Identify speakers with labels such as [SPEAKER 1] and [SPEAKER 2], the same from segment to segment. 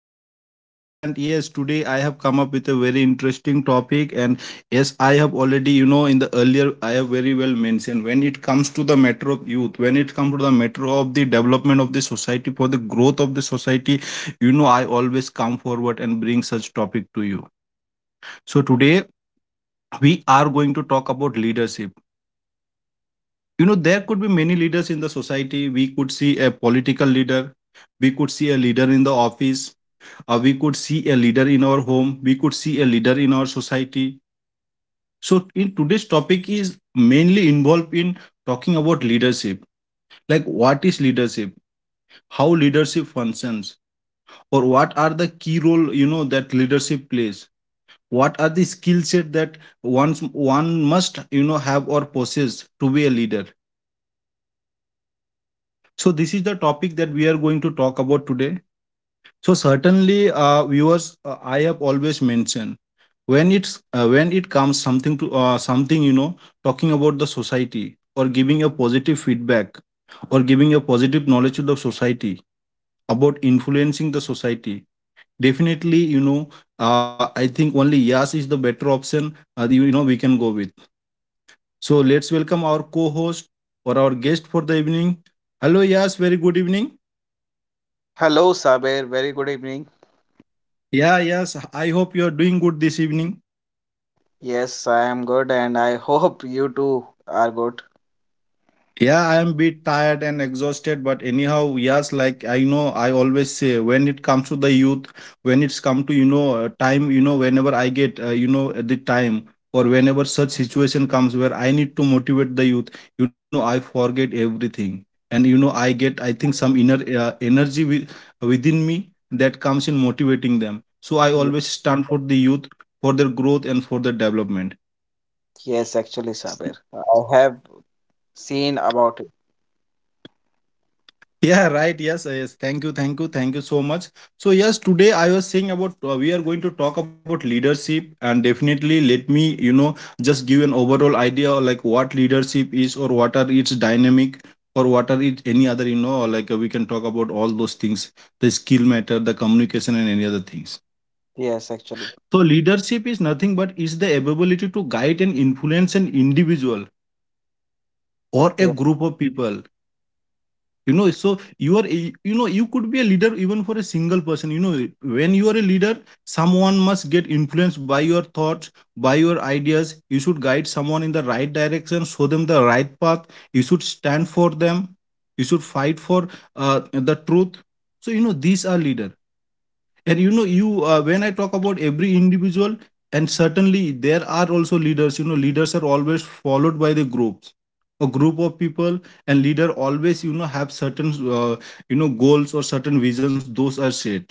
[SPEAKER 1] host Saber, and yes, today I have come up with a very interesting topic. And yes, I have already, you know, in the earlier, I have very well mentioned when it comes to the matter of youth, when it comes to the matter of the development of the society for the growth of the society, you know, I always come forward and bring such topic to you. So today we are going to talk about leadership. You know, there could be many leaders in the society. We could see a political leader. We could see a leader in the office. We could see a leader in our home. We could see a leader in our society. So in today's topic is mainly involved in talking about leadership, like what is leadership, how leadership functions, or what are the key role, you know, that leadership plays, what are the skill set that one's one must, you know, have or possess to be a leader. So this is the topic that we are going to talk about today. So certainly, viewers, I have always mentioned, when it's when it comes something to something, you know, talking about the society, or giving a positive feedback, or giving a positive knowledge to the society, about influencing the society, definitely, you know, I think only yes is the better option. You know we can go with. So let's welcome our co-host or our guest for the evening. Hello, yes, very good evening.
[SPEAKER 2] Hello, Saber. Very good evening.
[SPEAKER 1] Yeah, yes, I hope you are doing good this evening.
[SPEAKER 2] Yes, I am good, and I hope you too are good.
[SPEAKER 1] Yeah, I am bit tired and exhausted, but anyhow, yes, like I know, I always say when it comes to the youth, when it's come to you know time, you know, whenever I get you know the time, or whenever such situation comes where I need to motivate the youth, you know, I forget everything, and you know, I think some inner energy with, within me, that comes in motivating them. So I
[SPEAKER 2] Ye-
[SPEAKER 1] always stand for the youth, for their growth and for their development.
[SPEAKER 2] Yes, actually, Saber. I have seen about it.
[SPEAKER 1] Yeah, right. Yes, yes. Thank you so much. So yes, today I was saying about, we are going to talk about leadership, and definitely let me, you know, just give an overall idea of, like what leadership is or what are its dynamic or what are it any other, you know, or, like, we can talk about all those things, the skill matter, the communication, and any other things.
[SPEAKER 2] Yes, actually.
[SPEAKER 1] So leadership is nothing but is the ability to guide and influence an individual or a
[SPEAKER 2] Yeah.
[SPEAKER 1] group of people, you know. So you know, you could be a leader even for a single person. You know, when you are a leader, someone must get influenced by your thoughts, by your ideas. You should guide someone in the right direction, show them the right path. You should stand for them, you should fight for the truth. So you know, these are leader. And you know, you when I talk about every individual, and certainly there are also leaders. You know, leaders are always followed by the groups, a group of people. And leader always, you know, have certain uh, you know goals or certain visions those are set,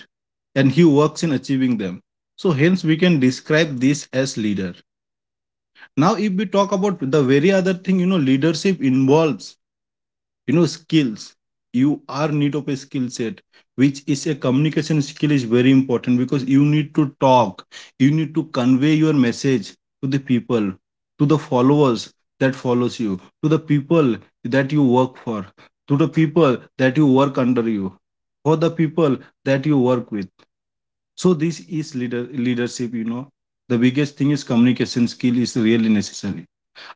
[SPEAKER 1] and he works in achieving them. So hence we can describe this as leader. Now if we talk about the very other thing, you know, leadership involves, you know, skills. You are need of a skill set, which is a communication skill is very important, because you need to talk, you need to convey your message to the people, to the followers that follows you, to the people that you work for, to the people that you work under you, for the people that you work with. So this is leadership, you know. The biggest thing is communication skill is really necessary.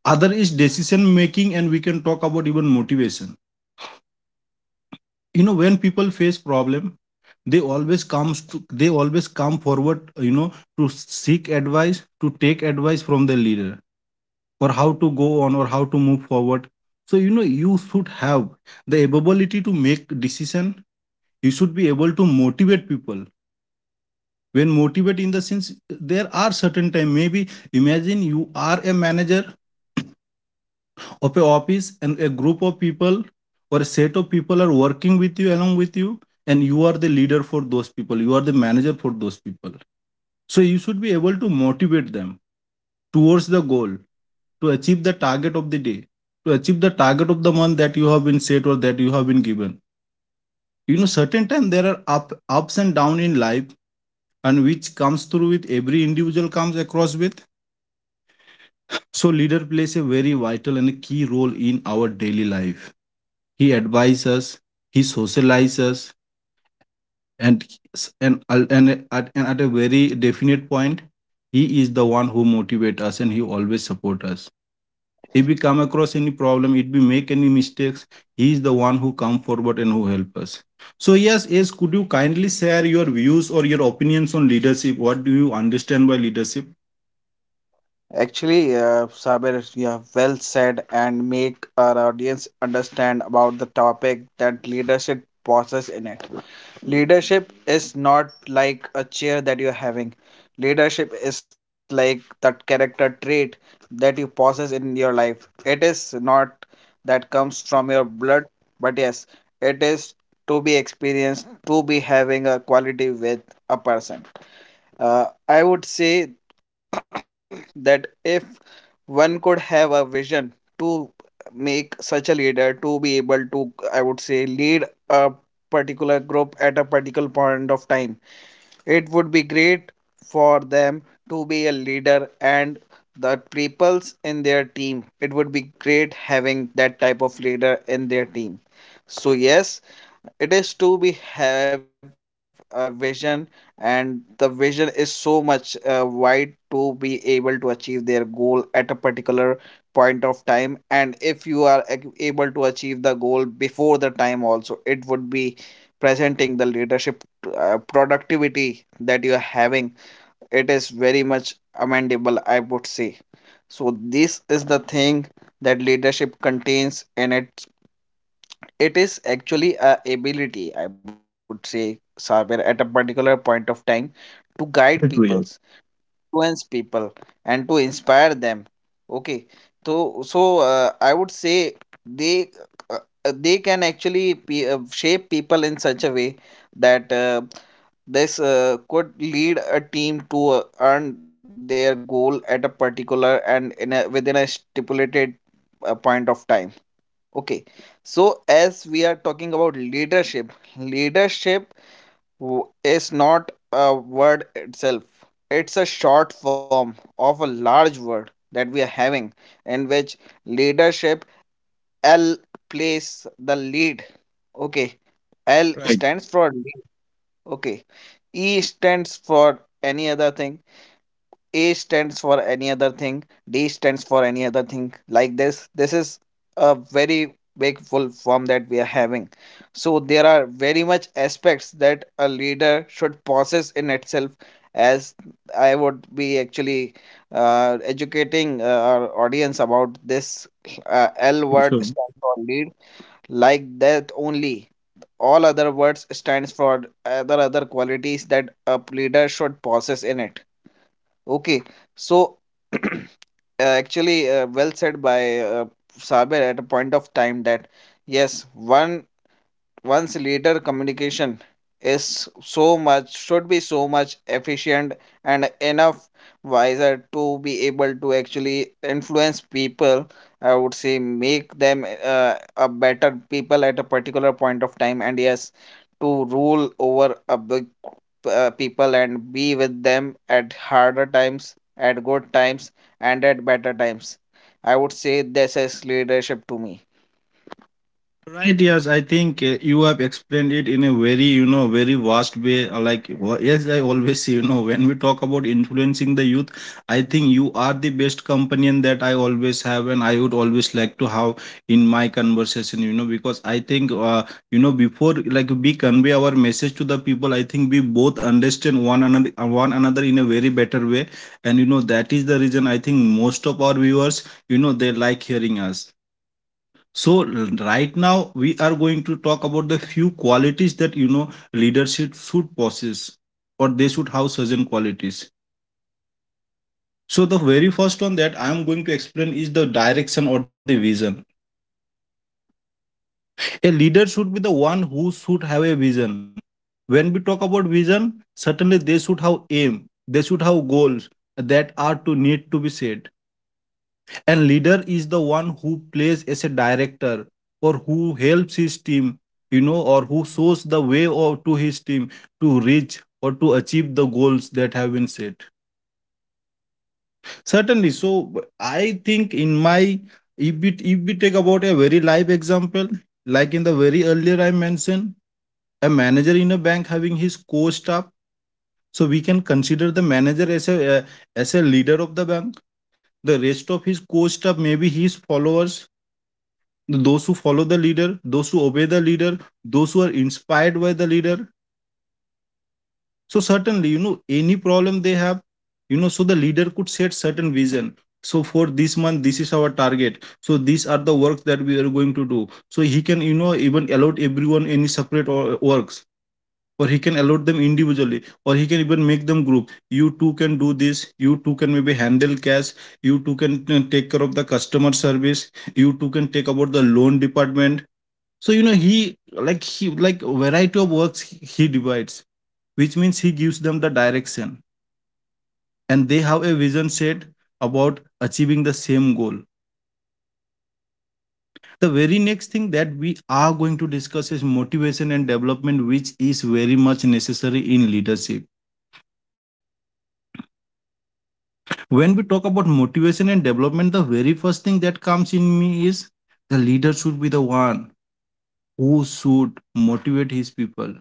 [SPEAKER 1] Other is decision making, and we can talk about even motivation. You know, when people face problem, they always come forward, you know, to seek advice, to take advice from the leader, or how to go on or how to move forward. So you know, you should have the ability to make decision, you should be able to motivate people. When motivate in the sense, there are certain time. Maybe imagine you are a manager of a office, and a group of people or a set of people are working with you, along with you. And you are the leader for those people, you are the manager for those people. So you should be able to motivate them towards the goal, to achieve the target of the day, to achieve the target of the month that you have been set or that you have been given. You know, certain time there are up ups and down in life, and which comes through with every individual comes across with. So leader plays a very vital and a key role in our daily life. He advises us, he socializes, and, and, and at a very definite point, he is the one who motivates us, and he always supports us. If we come across any problem, if we make any mistakes, he is the one who comes forward and who helps us. So yes, yes, could you kindly share your views or your opinions on leadership? What do you understand by leadership?
[SPEAKER 2] Actually, Saber, you have well said and make our audience understand about the topic that leadership possesses in it. Leadership is not like a chair that you're having. Leadership is like that character trait that you possess in your life. It is not that comes from your blood, but yes, it is to be experienced, to be having a quality with a person. I would say that if one could have a vision to make such a leader to be able to, I would say, lead a particular group at a particular point of time, it would be great for them to be a leader and the peoples in their team. It would be great having that type of leader in their team. So, yes, it is to be have a vision, and the vision is so much wide to be able to achieve their goal at a particular point of time. And if you are able to achieve the goal before the time also, it would be presenting the leadership productivity you are having. It is very much amendable, I would say. So this is the thing that leadership contains in it. It is actually a ability, I would say, somewhere at a particular point of time to guide people, to
[SPEAKER 1] Right.
[SPEAKER 2] influence people, and to inspire them. Okay, so I would say uh, they can actually shape people in such a way that this could lead a team to earn their goal at a particular within a stipulated point of time. Okay, so as we are talking about leadership, is not a word itself. It's a short form of a large word that we are having, in which leadership L plays the lead. Okay, L
[SPEAKER 1] Right.
[SPEAKER 2] stands for lead. Okay, E stands for any other thing. A stands for any thing, D stands for any other thing, like this. This is a very big full form that we are having. So there are very much aspects that a leader should possess in itself. As I would be actually educating our audience about this L word
[SPEAKER 1] Sure.
[SPEAKER 2] stands for lead, like that only. All other words stands for other qualities that a leader should possess in it. Okay, so uh, actually, well said by Saber at a point of time that yes, one once later communication is so much should be so much efficient and enough wiser to be able to actually influence people, I would say make them a better people at a particular point of time, and yes to rule over a big people and be with them at harder times, at good times, and at better times, I would say this is leadership to me.
[SPEAKER 1] Right, yes, I think you have explained it in a very, you know, very vast way. Like, yes, I always say, you know, when we talk about influencing the youth, I think you are the best companion that I always have, and I would always like to have in my conversation, you know, because I think, you know, before like we convey our message to the people, I think we both understand one another in a very better way, and you know, that is the reason I think most of our viewers, you know, they like hearing us. So right now we are going to talk about the few qualities that you know leadership should possess, or they should have certain qualities. So the very first one that I am going to explain is the direction or the vision. A leader should be the one who should have a vision. When we talk about vision, certainly they should have aim, they should have goals that are to need to be set. And leader is the one who plays as a director, or who helps his team, you know, or who shows the way or to his team to reach or to achieve the goals that have been set. Certainly. So I think in my, if we take about a very live example, like in the very earlier I mentioned, a manager in a bank having his core staff. So we can consider the manager as a leader of the bank. The rest of his core staff maybe his followers, those who follow the leader, those who obey the leader, those who are inspired by the leader. So certainly, you know, any problem they have, you know, so the leader could set certain vision. So for this month, this is our target. So these are the works that we are going to do. So he can, you know, even allot everyone any separate or works, or he can allot them individually, or he can even make them group. You two can do this. You two can maybe handle cash. You two can take care of the customer service. You two can take about the loan department. So you know he, like variety of works he divides, which means he gives them the direction and they have a vision set about achieving the same goal. The very next thing that we are going to discuss is motivation and development, which is very much necessary in leadership. When we talk about motivation and development, the very first thing that comes in me is the leader should be the one who should motivate his people,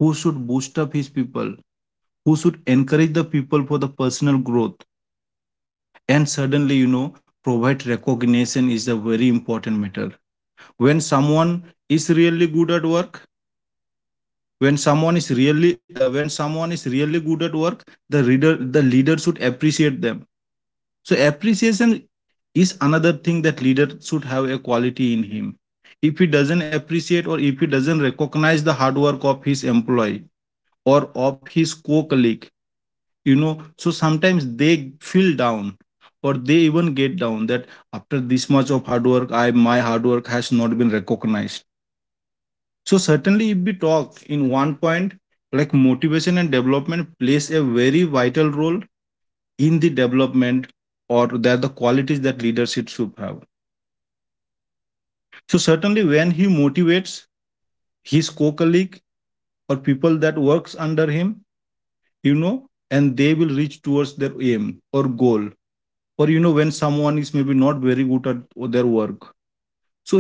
[SPEAKER 1] who should boost up his people, who should encourage the people for the personal growth. And suddenly, you know, provide recognition is a very important matter. When someone is really good at work, when someone is really good at work, the leader should appreciate them. So appreciation is another thing that leader should have a quality in him. If he doesn't appreciate, or if he doesn't recognize the hard work of his employee, or of his co-colleague, you know, so sometimes they feel down, or they even get down that after this much of hard work, I my hard work has not been recognized. So certainly if we talk in one point, like motivation and development plays a very vital role in the development, or that the qualities that leadership should have. So certainly when he motivates his co-colleague, or people that works under him, you know, and they will reach towards their aim or goal. Or you know, when someone is maybe not very good at their work,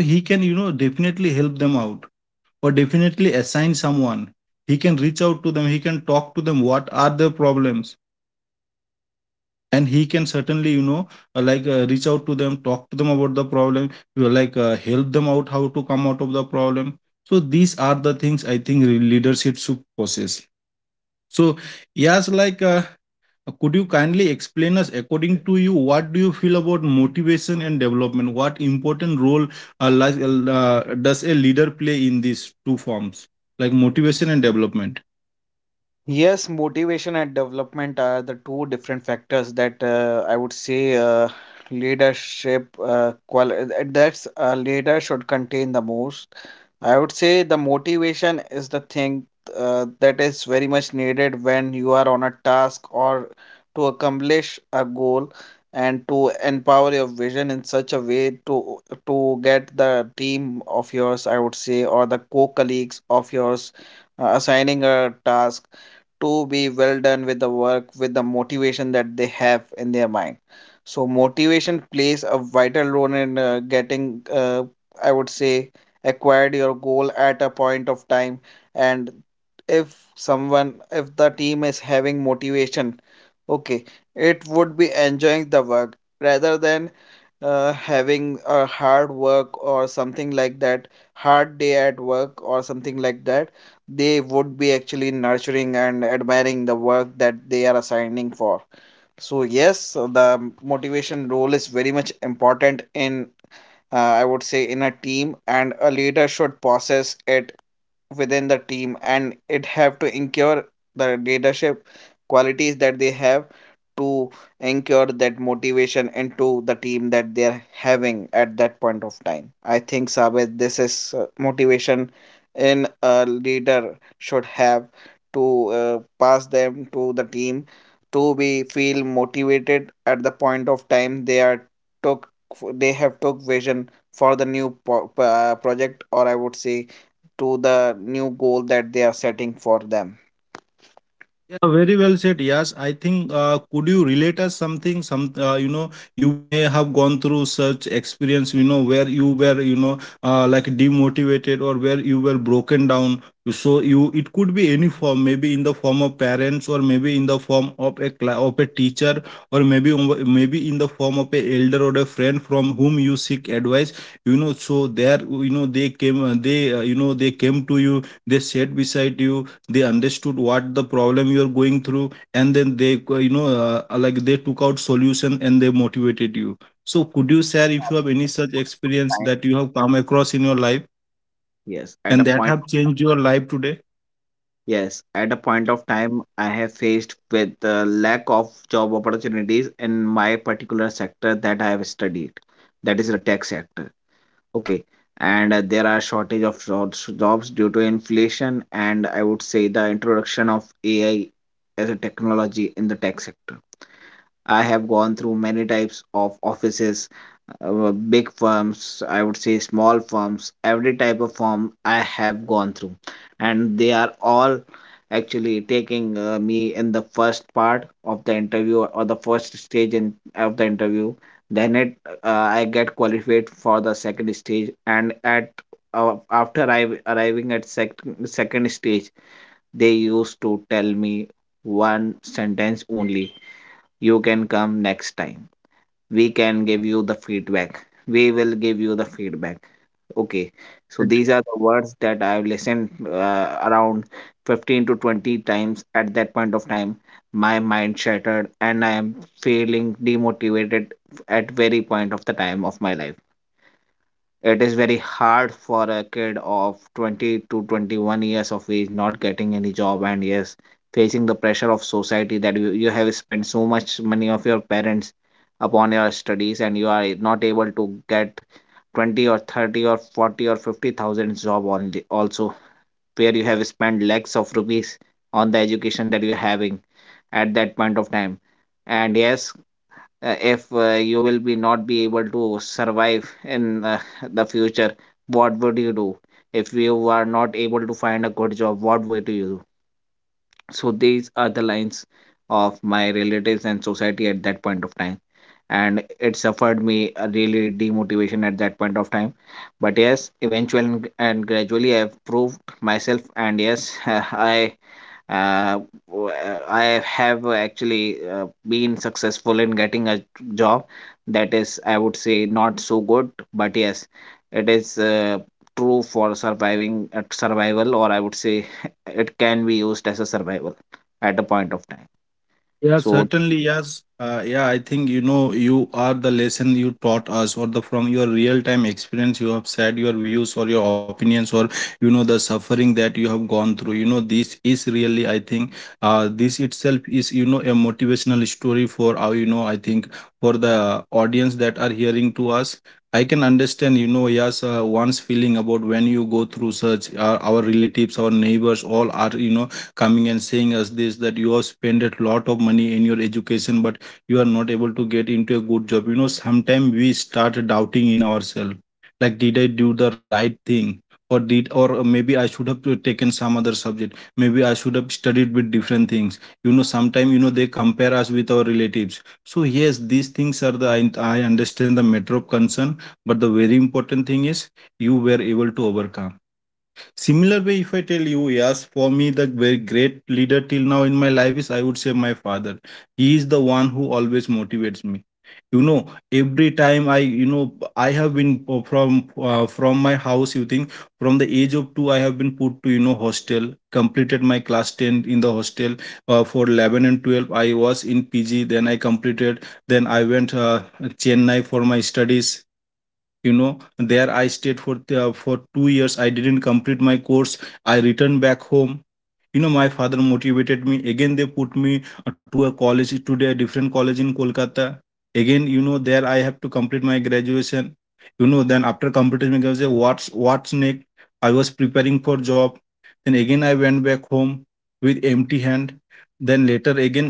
[SPEAKER 1] so he can, you know, definitely help them out, or definitely assign someone. He can reach out to them, he can talk to them what are their problems. And he can certainly, you know, reach out to them, talk to them about the problem. You know, like, help them out how to come out of the problem. So these are the things I think leadership should possess. So yes, like, could you kindly explain us, according to you, what do you feel about motivation and development? What important role does a leader play in these two forms, like motivation and development?
[SPEAKER 2] Yes, motivation and development are the two different factors that I would say leadership qual that's a leader should contain the most. I would say the motivation is the thing that is very much needed when you are on a task or to accomplish a goal and to empower your vision in such a way to get the team of yours, I would say, or the co-colleagues of yours assigning a task to be well done with the work with the motivation that they have in their mind. So motivation plays a vital role in getting I would say acquired your goal at a point of time. And if the team is having motivation, okay, it would be enjoying the work rather than having a hard work or something like that, hard day at work or something like that, they would be actually nurturing and admiring the work that they are assigning for. So, yes, so the motivation role is very much important in I would say in a team, and a leader should possess it within the team, and it have to ensure the leadership qualities that they have to ensure that motivation into the team that they are having at that point of time. I think Sabit, this is motivation in a leader should have to pass them to the team to be feel motivated at the point of time they are took they have took vision for the new project, or I would say to the new goal that they are setting for them.
[SPEAKER 1] Yeah, very well said. Yes, I think. Could you relate us something? Some, you know, you may have gone through such experience. You know, where you were, you know, like demotivated, or where you were broken down. So you, it could be any form. Maybe in the form of parents, or maybe in the form of a of a teacher, or maybe maybe in the form of a elder or a friend from whom you seek advice. You know, so there, you know, they came, you know, they came to you. They sat beside you, they understood what the problem you are going through, and then they you know, like, they took out solution and they motivated you. So could you share if you have any such experience
[SPEAKER 2] time,
[SPEAKER 1] that you have come across in your life
[SPEAKER 2] yes, at
[SPEAKER 1] and
[SPEAKER 2] a
[SPEAKER 1] that
[SPEAKER 2] point
[SPEAKER 1] have changed your life today?
[SPEAKER 2] of time, I have faced with the lack of job opportunities in my particular sector that I have studied, that is the tech sector. Okay. And there are shortage of jobs due to inflation, and I would say the introduction of AI as a technology in the tech sector. I have gone through many types of offices, big firms, I would say small firms, every type of firm I have gone through. And they are all actually taking me in the first part of the interview or the first stage of the interview. Then it uh, I get qualified for the second stage, and at after arrive arriving at second stage, they used to tell me one sentence only: you can come next time, we can give you the feedback, we will give you the feedback. Okay. So these are the words that I have listened around 15 to 20 times at that point of time. My mind shattered, and I am feeling demotivated at very point of the time of my life. It is very hard for a kid of 20 to 21 years of age not getting any job. And yes, facing the pressure of society that you have spent so much money of your parents upon your studies, and you are not able to get 20 or 30 or 40 or 50,000 job only also, where you have spent lakhs of rupees on the education that you are having at that point of time. And yes, if you will be not be able to survive in the future, what would you do if you are not able to find a good job? What would you do? So these are the lines of my relatives and society at that point of time, and it suffered me a really demotivation at that point of time. But yes, eventually and gradually, I have proved myself. And yes, uh, I have actually been successful in getting a job that is, I would say, not so good, but yes, it is true for surviving at survival, or I would say it can be used as a survival at a point of time.
[SPEAKER 1] Yeah,
[SPEAKER 2] So,
[SPEAKER 1] certainly, yes. Yeah, I think you know, you are the lesson you taught us, or the from your real time experience you have said your views or your opinions, or you know, the suffering that you have gone through. You know, this is really, I think, this itself is, you know, a motivational story for our, you know, I think, for the audience that are hearing to us. I can understand, you know, yes, one's feeling about when you go through such, our relatives, our neighbors, all are, you know, coming and saying us this, that you have spent a lot of money in your education, but you are not able to get into a good job. You know, sometimes we start doubting in ourselves, like did I do the right thing? Or did, or maybe I should have to taken some other subject. Maybe I should have studied with different things. You know, sometimes, you know, they compare us with our relatives. So yes, these things are the I understand the matter of concern. But the very important thing is you were able to overcome. Similar way, if I tell you, yes, for me, the very great leader till now in my life is, I would say, my father. He is the one who always motivates me. You know, every time I, you know, I have been from, from my house you think, from the age of 2 I have been put to, you know, hostel. Completed my class 10 in the hostel. For 11 and 12 I was in PG. Then I completed, then I went, Chennai for my studies. You know, there I stayed for, for 2 years. I didn't complete my course. I returned back home. You know, my father motivated me again, they put me, to a college, to a different college in Kolkata. Again, you know, there I have to complete my graduation. You know, then after completing my graduation, what's next? I was preparing for job. Then again I went back home with empty hand. Then later again,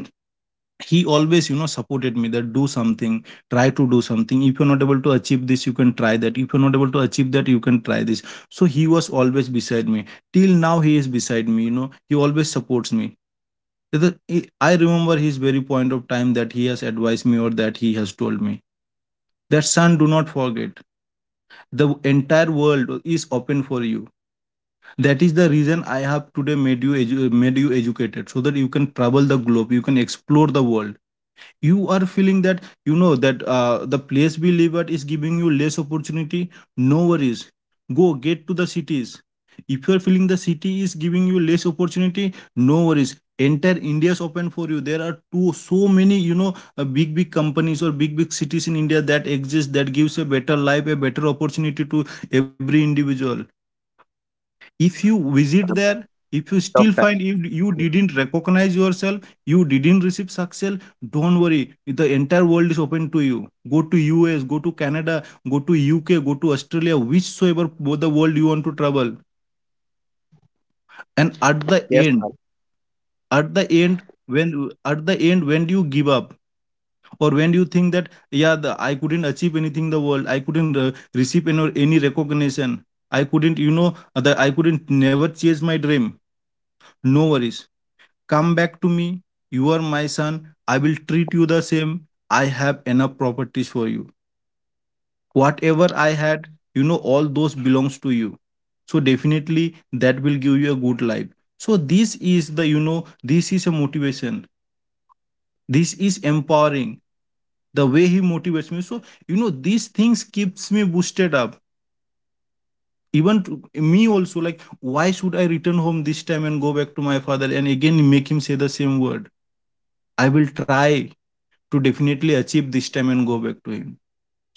[SPEAKER 1] he always, you know, supported me, that do something, try to do something. If you're not able to achieve this, you can try that. If you're not able to achieve that, you can try this. So he was always beside me. Till now he is beside me, you know, he always supports me. It- I remember his very point of time that he has advised me, or that he has told me, that son, do not forget, the entire world is open for you. That is the reason I have today made you educated, so that you can travel the globe, you can explore the world. You are feeling that you know that, the place we live at is giving you less opportunity. No worries, go get to the cities. If you are feeling the city is giving you less opportunity, no worries, entire India is open for you. There are too so many, you know, big big companies or big big cities in India that exist, that gives a better life, a better opportunity to every individual. If you visit there,
[SPEAKER 2] Yes,
[SPEAKER 1] if you still find
[SPEAKER 2] of-
[SPEAKER 1] you, you didn't recognize yourself, you didn't receive success, don't worry, the entire world is open to you. Go to US, go to Canada, go to UK, go to Australia, whichsoever the world you want to travel. And at the end, at the end, when do you give up? Or when do you think that yeah, I couldn't achieve anything in the world, I couldn't receive any recognition, I couldn't, you know, I couldn't never chase my dream. No worries. Come back to me. You are my son. I will treat you the same. I have enough properties for you. Whatever I had, you know, all those belongs to you. So definitely that will give you a good life. So this is the, you know, this is a motivation. This is empowering. The way he motivates me. So, you know, these things keeps me boosted up. Even to me also, like, why should I return home this time and go back to my father and again make him say the same word? I will try to definitely achieve this time and go back to him.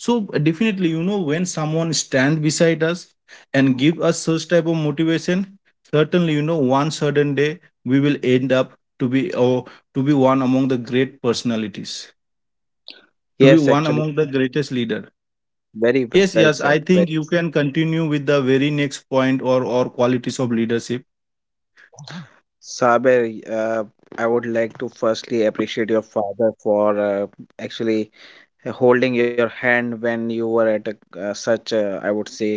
[SPEAKER 1] So definitely, you know, when someone stands beside us and give us such type of motivation, certainly, you know, one certain day we will end up to be, or to be one among the great personalities, to be
[SPEAKER 2] yes,
[SPEAKER 1] one
[SPEAKER 2] actually,
[SPEAKER 1] among the greatest leader.
[SPEAKER 2] very well
[SPEAKER 1] yes
[SPEAKER 2] said.
[SPEAKER 1] yes I
[SPEAKER 2] But
[SPEAKER 1] think you can continue with the very next point, or qualities of leadership.
[SPEAKER 2] Saber, I would like to firstly appreciate your father for actually holding your hand when you were at such a, I would say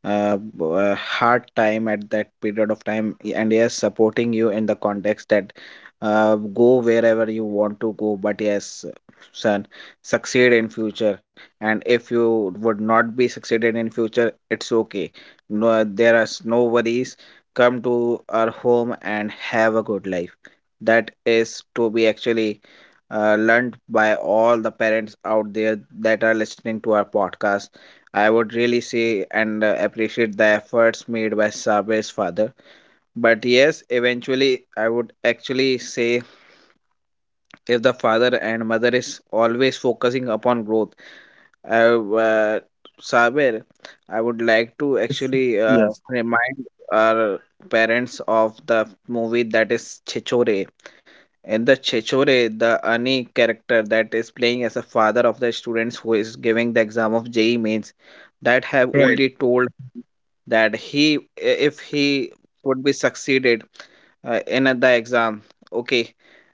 [SPEAKER 2] hard time at that period of time, and yes, supporting you in the context that go wherever you want to go, but yes, son, succeed in future. And if you would not be succeeded in future, it's okay. No, no worries, come to our home and have a good life. That is to be actually learned by all the parents out there that are listening to our podcast. I would really say and appreciate the efforts made by Sabre's father. But yes, eventually, I would actually say if the father and mother is always focusing upon growth, I, uh, Saber, I would like to
[SPEAKER 1] Yes.
[SPEAKER 2] actually
[SPEAKER 1] Yes.
[SPEAKER 2] remind our parents of the movie that is Chichore. In the Chichore, the Ani character that is playing as a father of the students who is giving the exam of JEE mains, that have
[SPEAKER 1] Right.
[SPEAKER 2] only told that he, if he would be succeeded in the exam. Okay,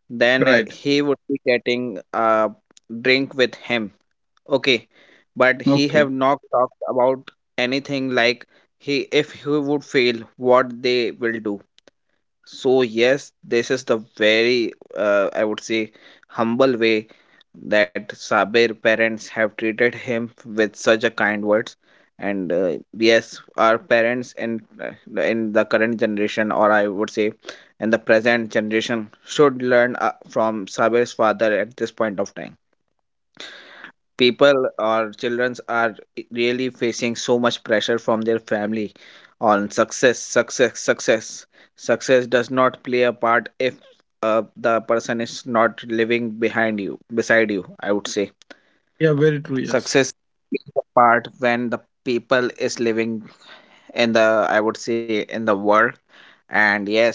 [SPEAKER 2] then
[SPEAKER 1] Right.
[SPEAKER 2] he would be getting a drink with him. Okay, but he have
[SPEAKER 1] Okay.
[SPEAKER 2] not talked about anything like he, if he would fail, what they will do. So yes, this is the very I would say humble way that Sabir parents have treated him with such a kind words. And yes, our parents in the current generation, or I would say, in the present generation, should learn from Sabir's father at this point of time. People or childrens are really facing so much pressure from their family on success, success, success. Success does not play a part if the person is not living behind you, beside you, I would say.
[SPEAKER 1] Yeah. Very true. Yes.
[SPEAKER 2] Success is the part when the people is living in the, I would say, in the world. And yes,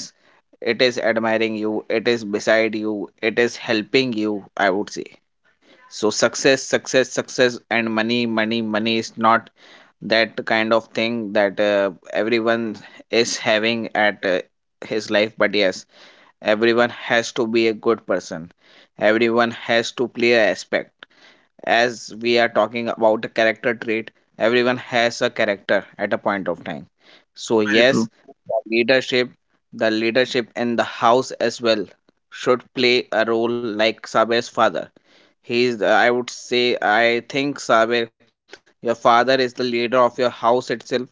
[SPEAKER 2] it is admiring you, it is beside you, it is helping you, I would say. So success, success, success and money, money, money is not that kind of thing that everyone is having at his life, but yes, everyone has to be a good person. Everyone has to play a aspect. As we are talking about a character trait, everyone has a character at a point of time. So
[SPEAKER 1] Very
[SPEAKER 2] yes,
[SPEAKER 1] true.
[SPEAKER 2] the leadership, the leadership in the house as well should play a role like Sabe's father. He is, I would say, I think, Saber, your father is the leader of your house itself.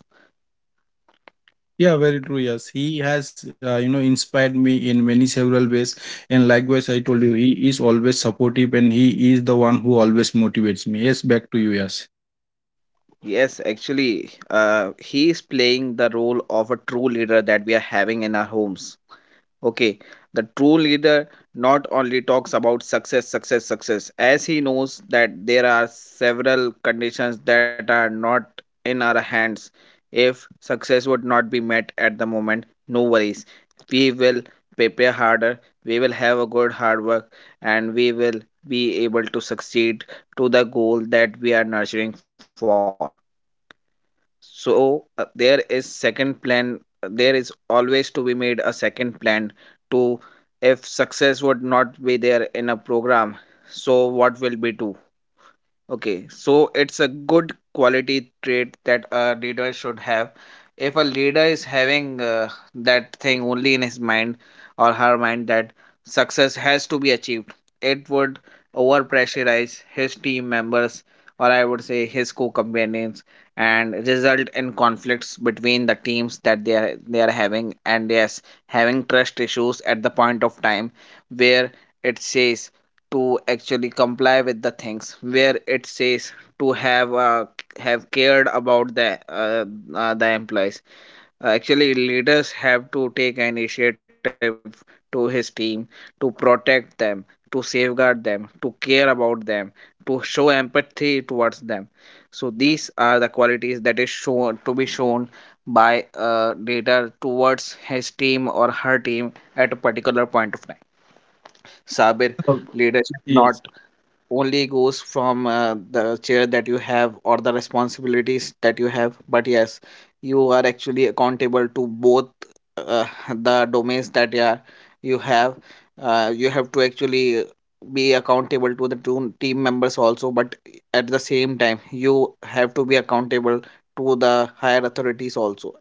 [SPEAKER 1] Yeah, very true. Yes, he has, you know, inspired me in many several ways. And likewise, I told you, he is always supportive and he is the one who always motivates me. Yes, back to you. Yes.
[SPEAKER 2] Yes, actually, he is playing the role of a true leader that we having in our homes. Okay, the true leader not only talks about success, success, success, as he knows that there are several conditions that are not in our hands. If success would not be met at the moment, no worries. We will prepare harder, we will have a good hard work, and we will be able to succeed to the goal that we are nurturing for. So there is second plan, there is always to be made a second plan to, if success would not be there in a program, so what will be do. Okay, so it's a good quality trait that a leader should have. If a leader is having that thing only in his mind or her mind, that success has to be achieved, it would overpressurize his team members, or I would say his co-companions, and result in conflicts between the teams that they are having. And yes, having trust issues at the point of time where it says to actually comply with the things, where it says to have cared about the employees. Actually leaders have to take an initiative to his team, to protect them, to safeguard them, to care about them, to show empathy towards them. So these are the qualities that is shown to be shown by a leader towards his team or her team at a particular point of time. Sabir,
[SPEAKER 1] Oh,
[SPEAKER 2] leadership not
[SPEAKER 1] yes.
[SPEAKER 2] only goes from the chair that you have or the responsibilities that you have, but yes, you are actually accountable to both uh, the domains that you have you have to actually be accountable to the two team members also, but at the same time you have to be accountable to the higher authorities also.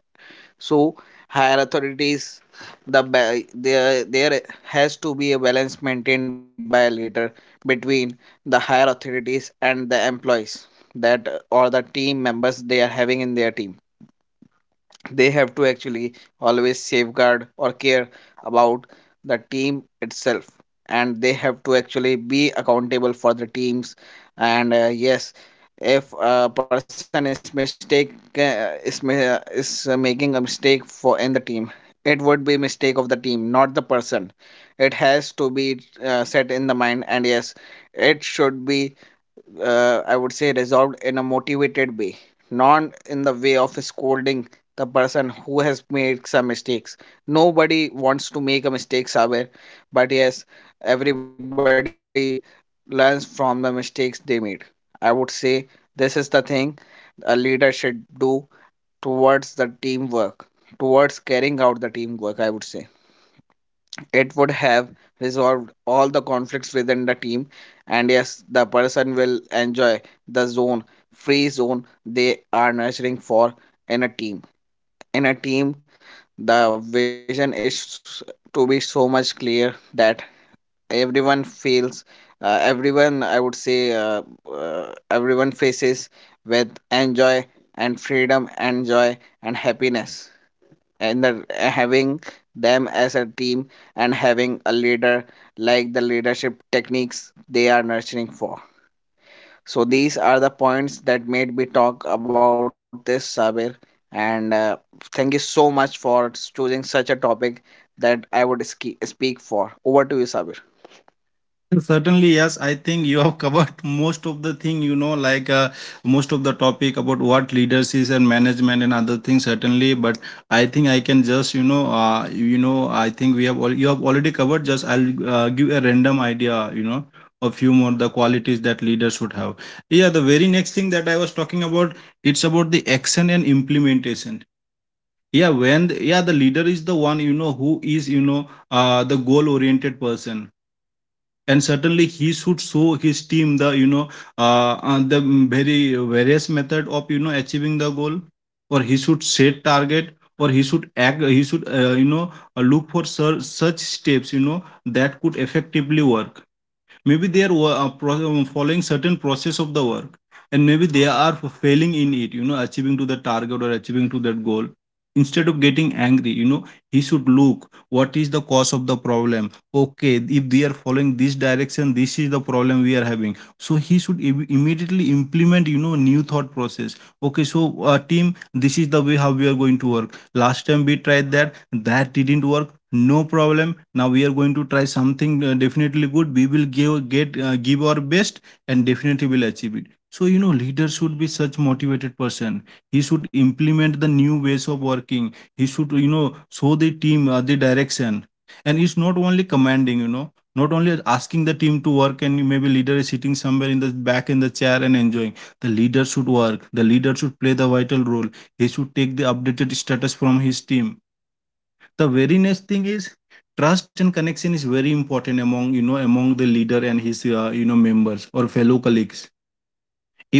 [SPEAKER 2] So higher authorities, the there has to be a balance maintained by a leader between the higher authorities and the employees that or the team members they are having in their team. They have to actually always safeguard or care about the team itself, and they have to actually be accountable for the teams. And yes, if a person is mistake, is making a mistake for in the team, it would be mistake of the team, not the person. It has to be set in the mind. And yes, it should be, I would say, resolved in a motivated way, not in the way of scolding the person who has made some mistakes. Nobody wants to make a mistake, Saber, but yes, everybody learns from the mistakes they made. I would say this is the thing a leader should do towards the teamwork, towards carrying out the teamwork, I would say. It would have resolved all the conflicts within the team, and yes, the person will enjoy the zone, free zone they are nurturing for in a team. In a team, the vision is to be so much clear that everyone feels, everyone I would say, everyone faces with enjoy and freedom and joy and happiness, and the, having them as a team and having a leader like the leadership techniques they are nurturing for. So these are the points that made me talk about this, Sabir. And thank you so much for choosing such a topic. That I would speak for. Over to you, Sabir.
[SPEAKER 1] And certainly, yes. I think you have covered most of the thing, you know, like, most of the topic about what leaders is and management and other things, certainly. But I think I can just, you know, I think we have all you have already covered. Just I'll, give a random idea, you know, a few more the qualities that leaders should have. Yeah, the very next thing that I was talking about, it's about the action and implementation. Yeah, when the, yeah the leader is the one, you know, who is, you know, the goal oriented person, and certainly he should show his team the, you know, the very various method of, you know, achieving the goal. Or he should set target, or he should act, he should, you know, look for such steps, you know, that could effectively work. Maybe they are following certain process of the work, and maybe they are failing in it, you know, achieving to the target or achieving to that goal. Instead of getting angry, you know, he should look what is the cause of the problem. Okay, if they are following this direction, this is the problem we are having. So he should immediately implement, you know, new thought process. Okay, so, team, this is the way how we are going to work. Last time we tried that, that didn't work. No problem. Now we are going to try something, definitely good. We will give our best, and definitely will achieve it. So you know, leader should be such motivated person. He should implement the new ways of working. He should, you know, show the team, the direction, and it's not only commanding. You know, not only asking the team to work and maybe leader is sitting somewhere in the back in the chair and enjoying. The leader should work. The leader should play the vital role. He should take the updated status from his team. The very next thing is, trust and connection is very important among, you know, among the leader and his you know, members or fellow colleagues.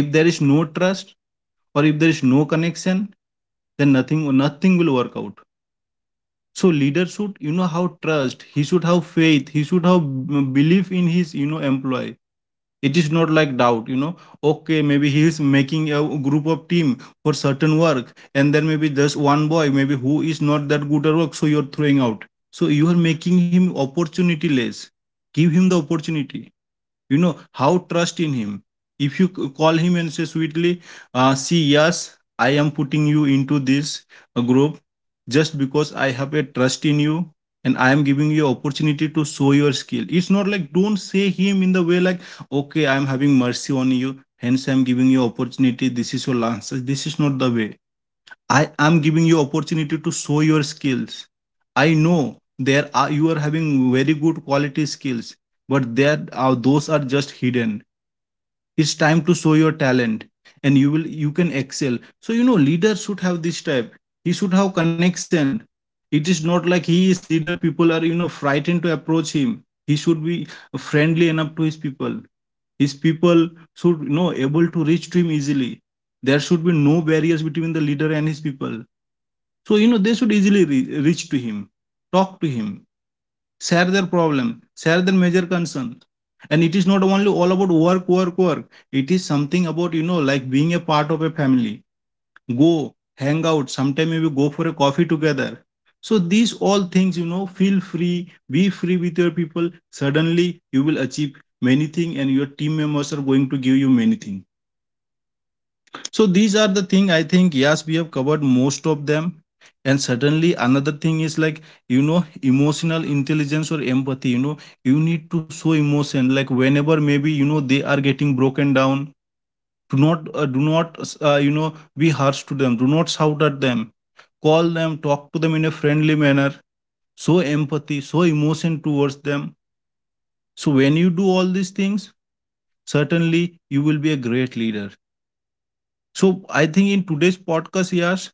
[SPEAKER 1] If there is no trust or if there is no connection, then nothing will work out. So leader should, you know, how trust, he should have faith, he should have belief in his, you know, employee. It is not like doubt, you know. Okay, maybe he is making a group of team for certain work, and then maybe just one boy, maybe who is not that good at work, so you are throwing out. So you are making him opportunity less. Give him the opportunity. You know how trust in him. If you call him and say sweetly, see, yes, I am putting you into this group just because I have a trust in you, and I am giving you opportunity to show your skill. It's not like, don't say him in the way like, okay, I'm having mercy on you. Hence, I'm giving you opportunity. This is your last. This is not the way. I am giving you opportunity to show your skills. I know there are, you are having very good quality skills, but there are, those are just hidden. It's time to show your talent, and you can excel. So you know, leader should have this type. He should have connection. It is not like he is leader, people are, you know, frightened to approach him. He should be friendly enough to his people. His people should, you know, able to reach to him easily. There should be no barriers between the leader and his people. So, you know, they should easily reach to him, talk to him, share their problem, share their major concern. And it is not only all about work, work, work. It is something about, you know, like being a part of a family. Go, hang out, sometime maybe go for a coffee together. So these all things, you know, feel free, be free with your people. Suddenly you will achieve many things, and your team members are going to give you many things. So these are the thing, I think, yes, we have covered most of them. And certainly another thing is like, you know, emotional intelligence or empathy, you know, you need to show emotion like whenever, maybe, you know, they are getting broken down, do not do not you know, be harsh to them, do not shout at them. Call them, talk to them in a friendly manner. Show empathy, show emotion towards them. So when you do all these things, certainly you will be a great leader. So I think in today's podcast, yes,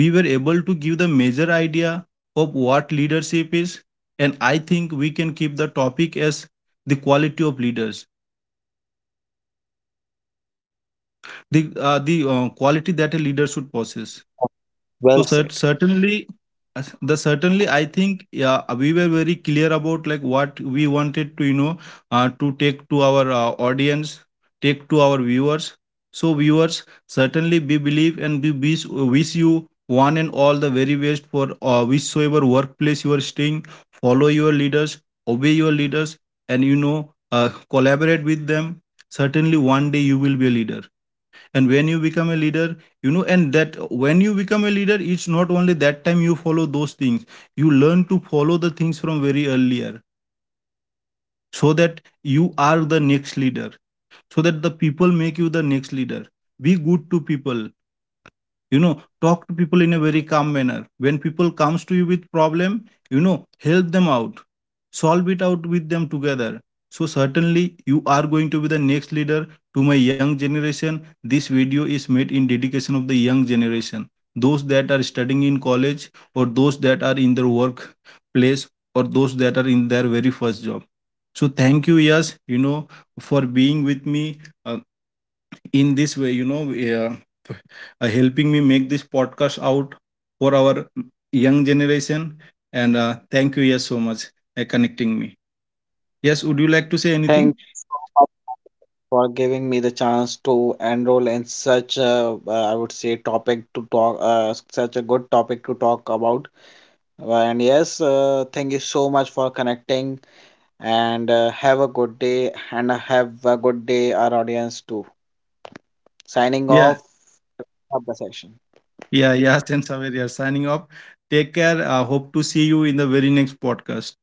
[SPEAKER 1] we were able to give the major idea of what leadership is. And I think we can keep the topic as the quality of leaders, the quality that a leader should possess. So certainly, As- the certainly, I think, yeah, we were very clear about like what we
[SPEAKER 2] Well,
[SPEAKER 1] wanted to, you know, to take to our audience, take to our viewers. So viewers, certainly we believe, and we wish, wish you one and all the very best for whichsoever workplace you are staying. Follow your leaders, obey your leaders, and you know, uh, collaborate with them. Certainly one day you will be a leader. And when you become a leader, you know, and that, when you become a leader, it's not only that time you follow those things. You learn to follow the things from very earlier, so that you are the next leader, so that the people make you the next leader. Be good to people, you know, talk to people in a very calm manner. When people comes to you with problem, you know, help them out, solve it out with them together. So certainly you are going to be the next leader. To my young generation, this video is made in dedication of the young generation, those that are studying in college, or those that are in their work place or those that are in their very first job. So thank you, yes, you know, for being with me, uh, in this way, you know, uh, helping me make this podcast out for our young generation. And thank you, yes, so much, connecting me. Yes, would you like to say anything?
[SPEAKER 2] thank you for giving me the chance to enroll in such a I would say topic to talk, such a good topic to talk about. And yes, thank you so much for connecting. And have a good day, and have a good day, our audience too. Signing
[SPEAKER 1] Yeah.
[SPEAKER 2] off of the session.
[SPEAKER 1] Yeah, yeah. And Saver, yeah, signing off. Take care. I hope to see you in the very next podcast.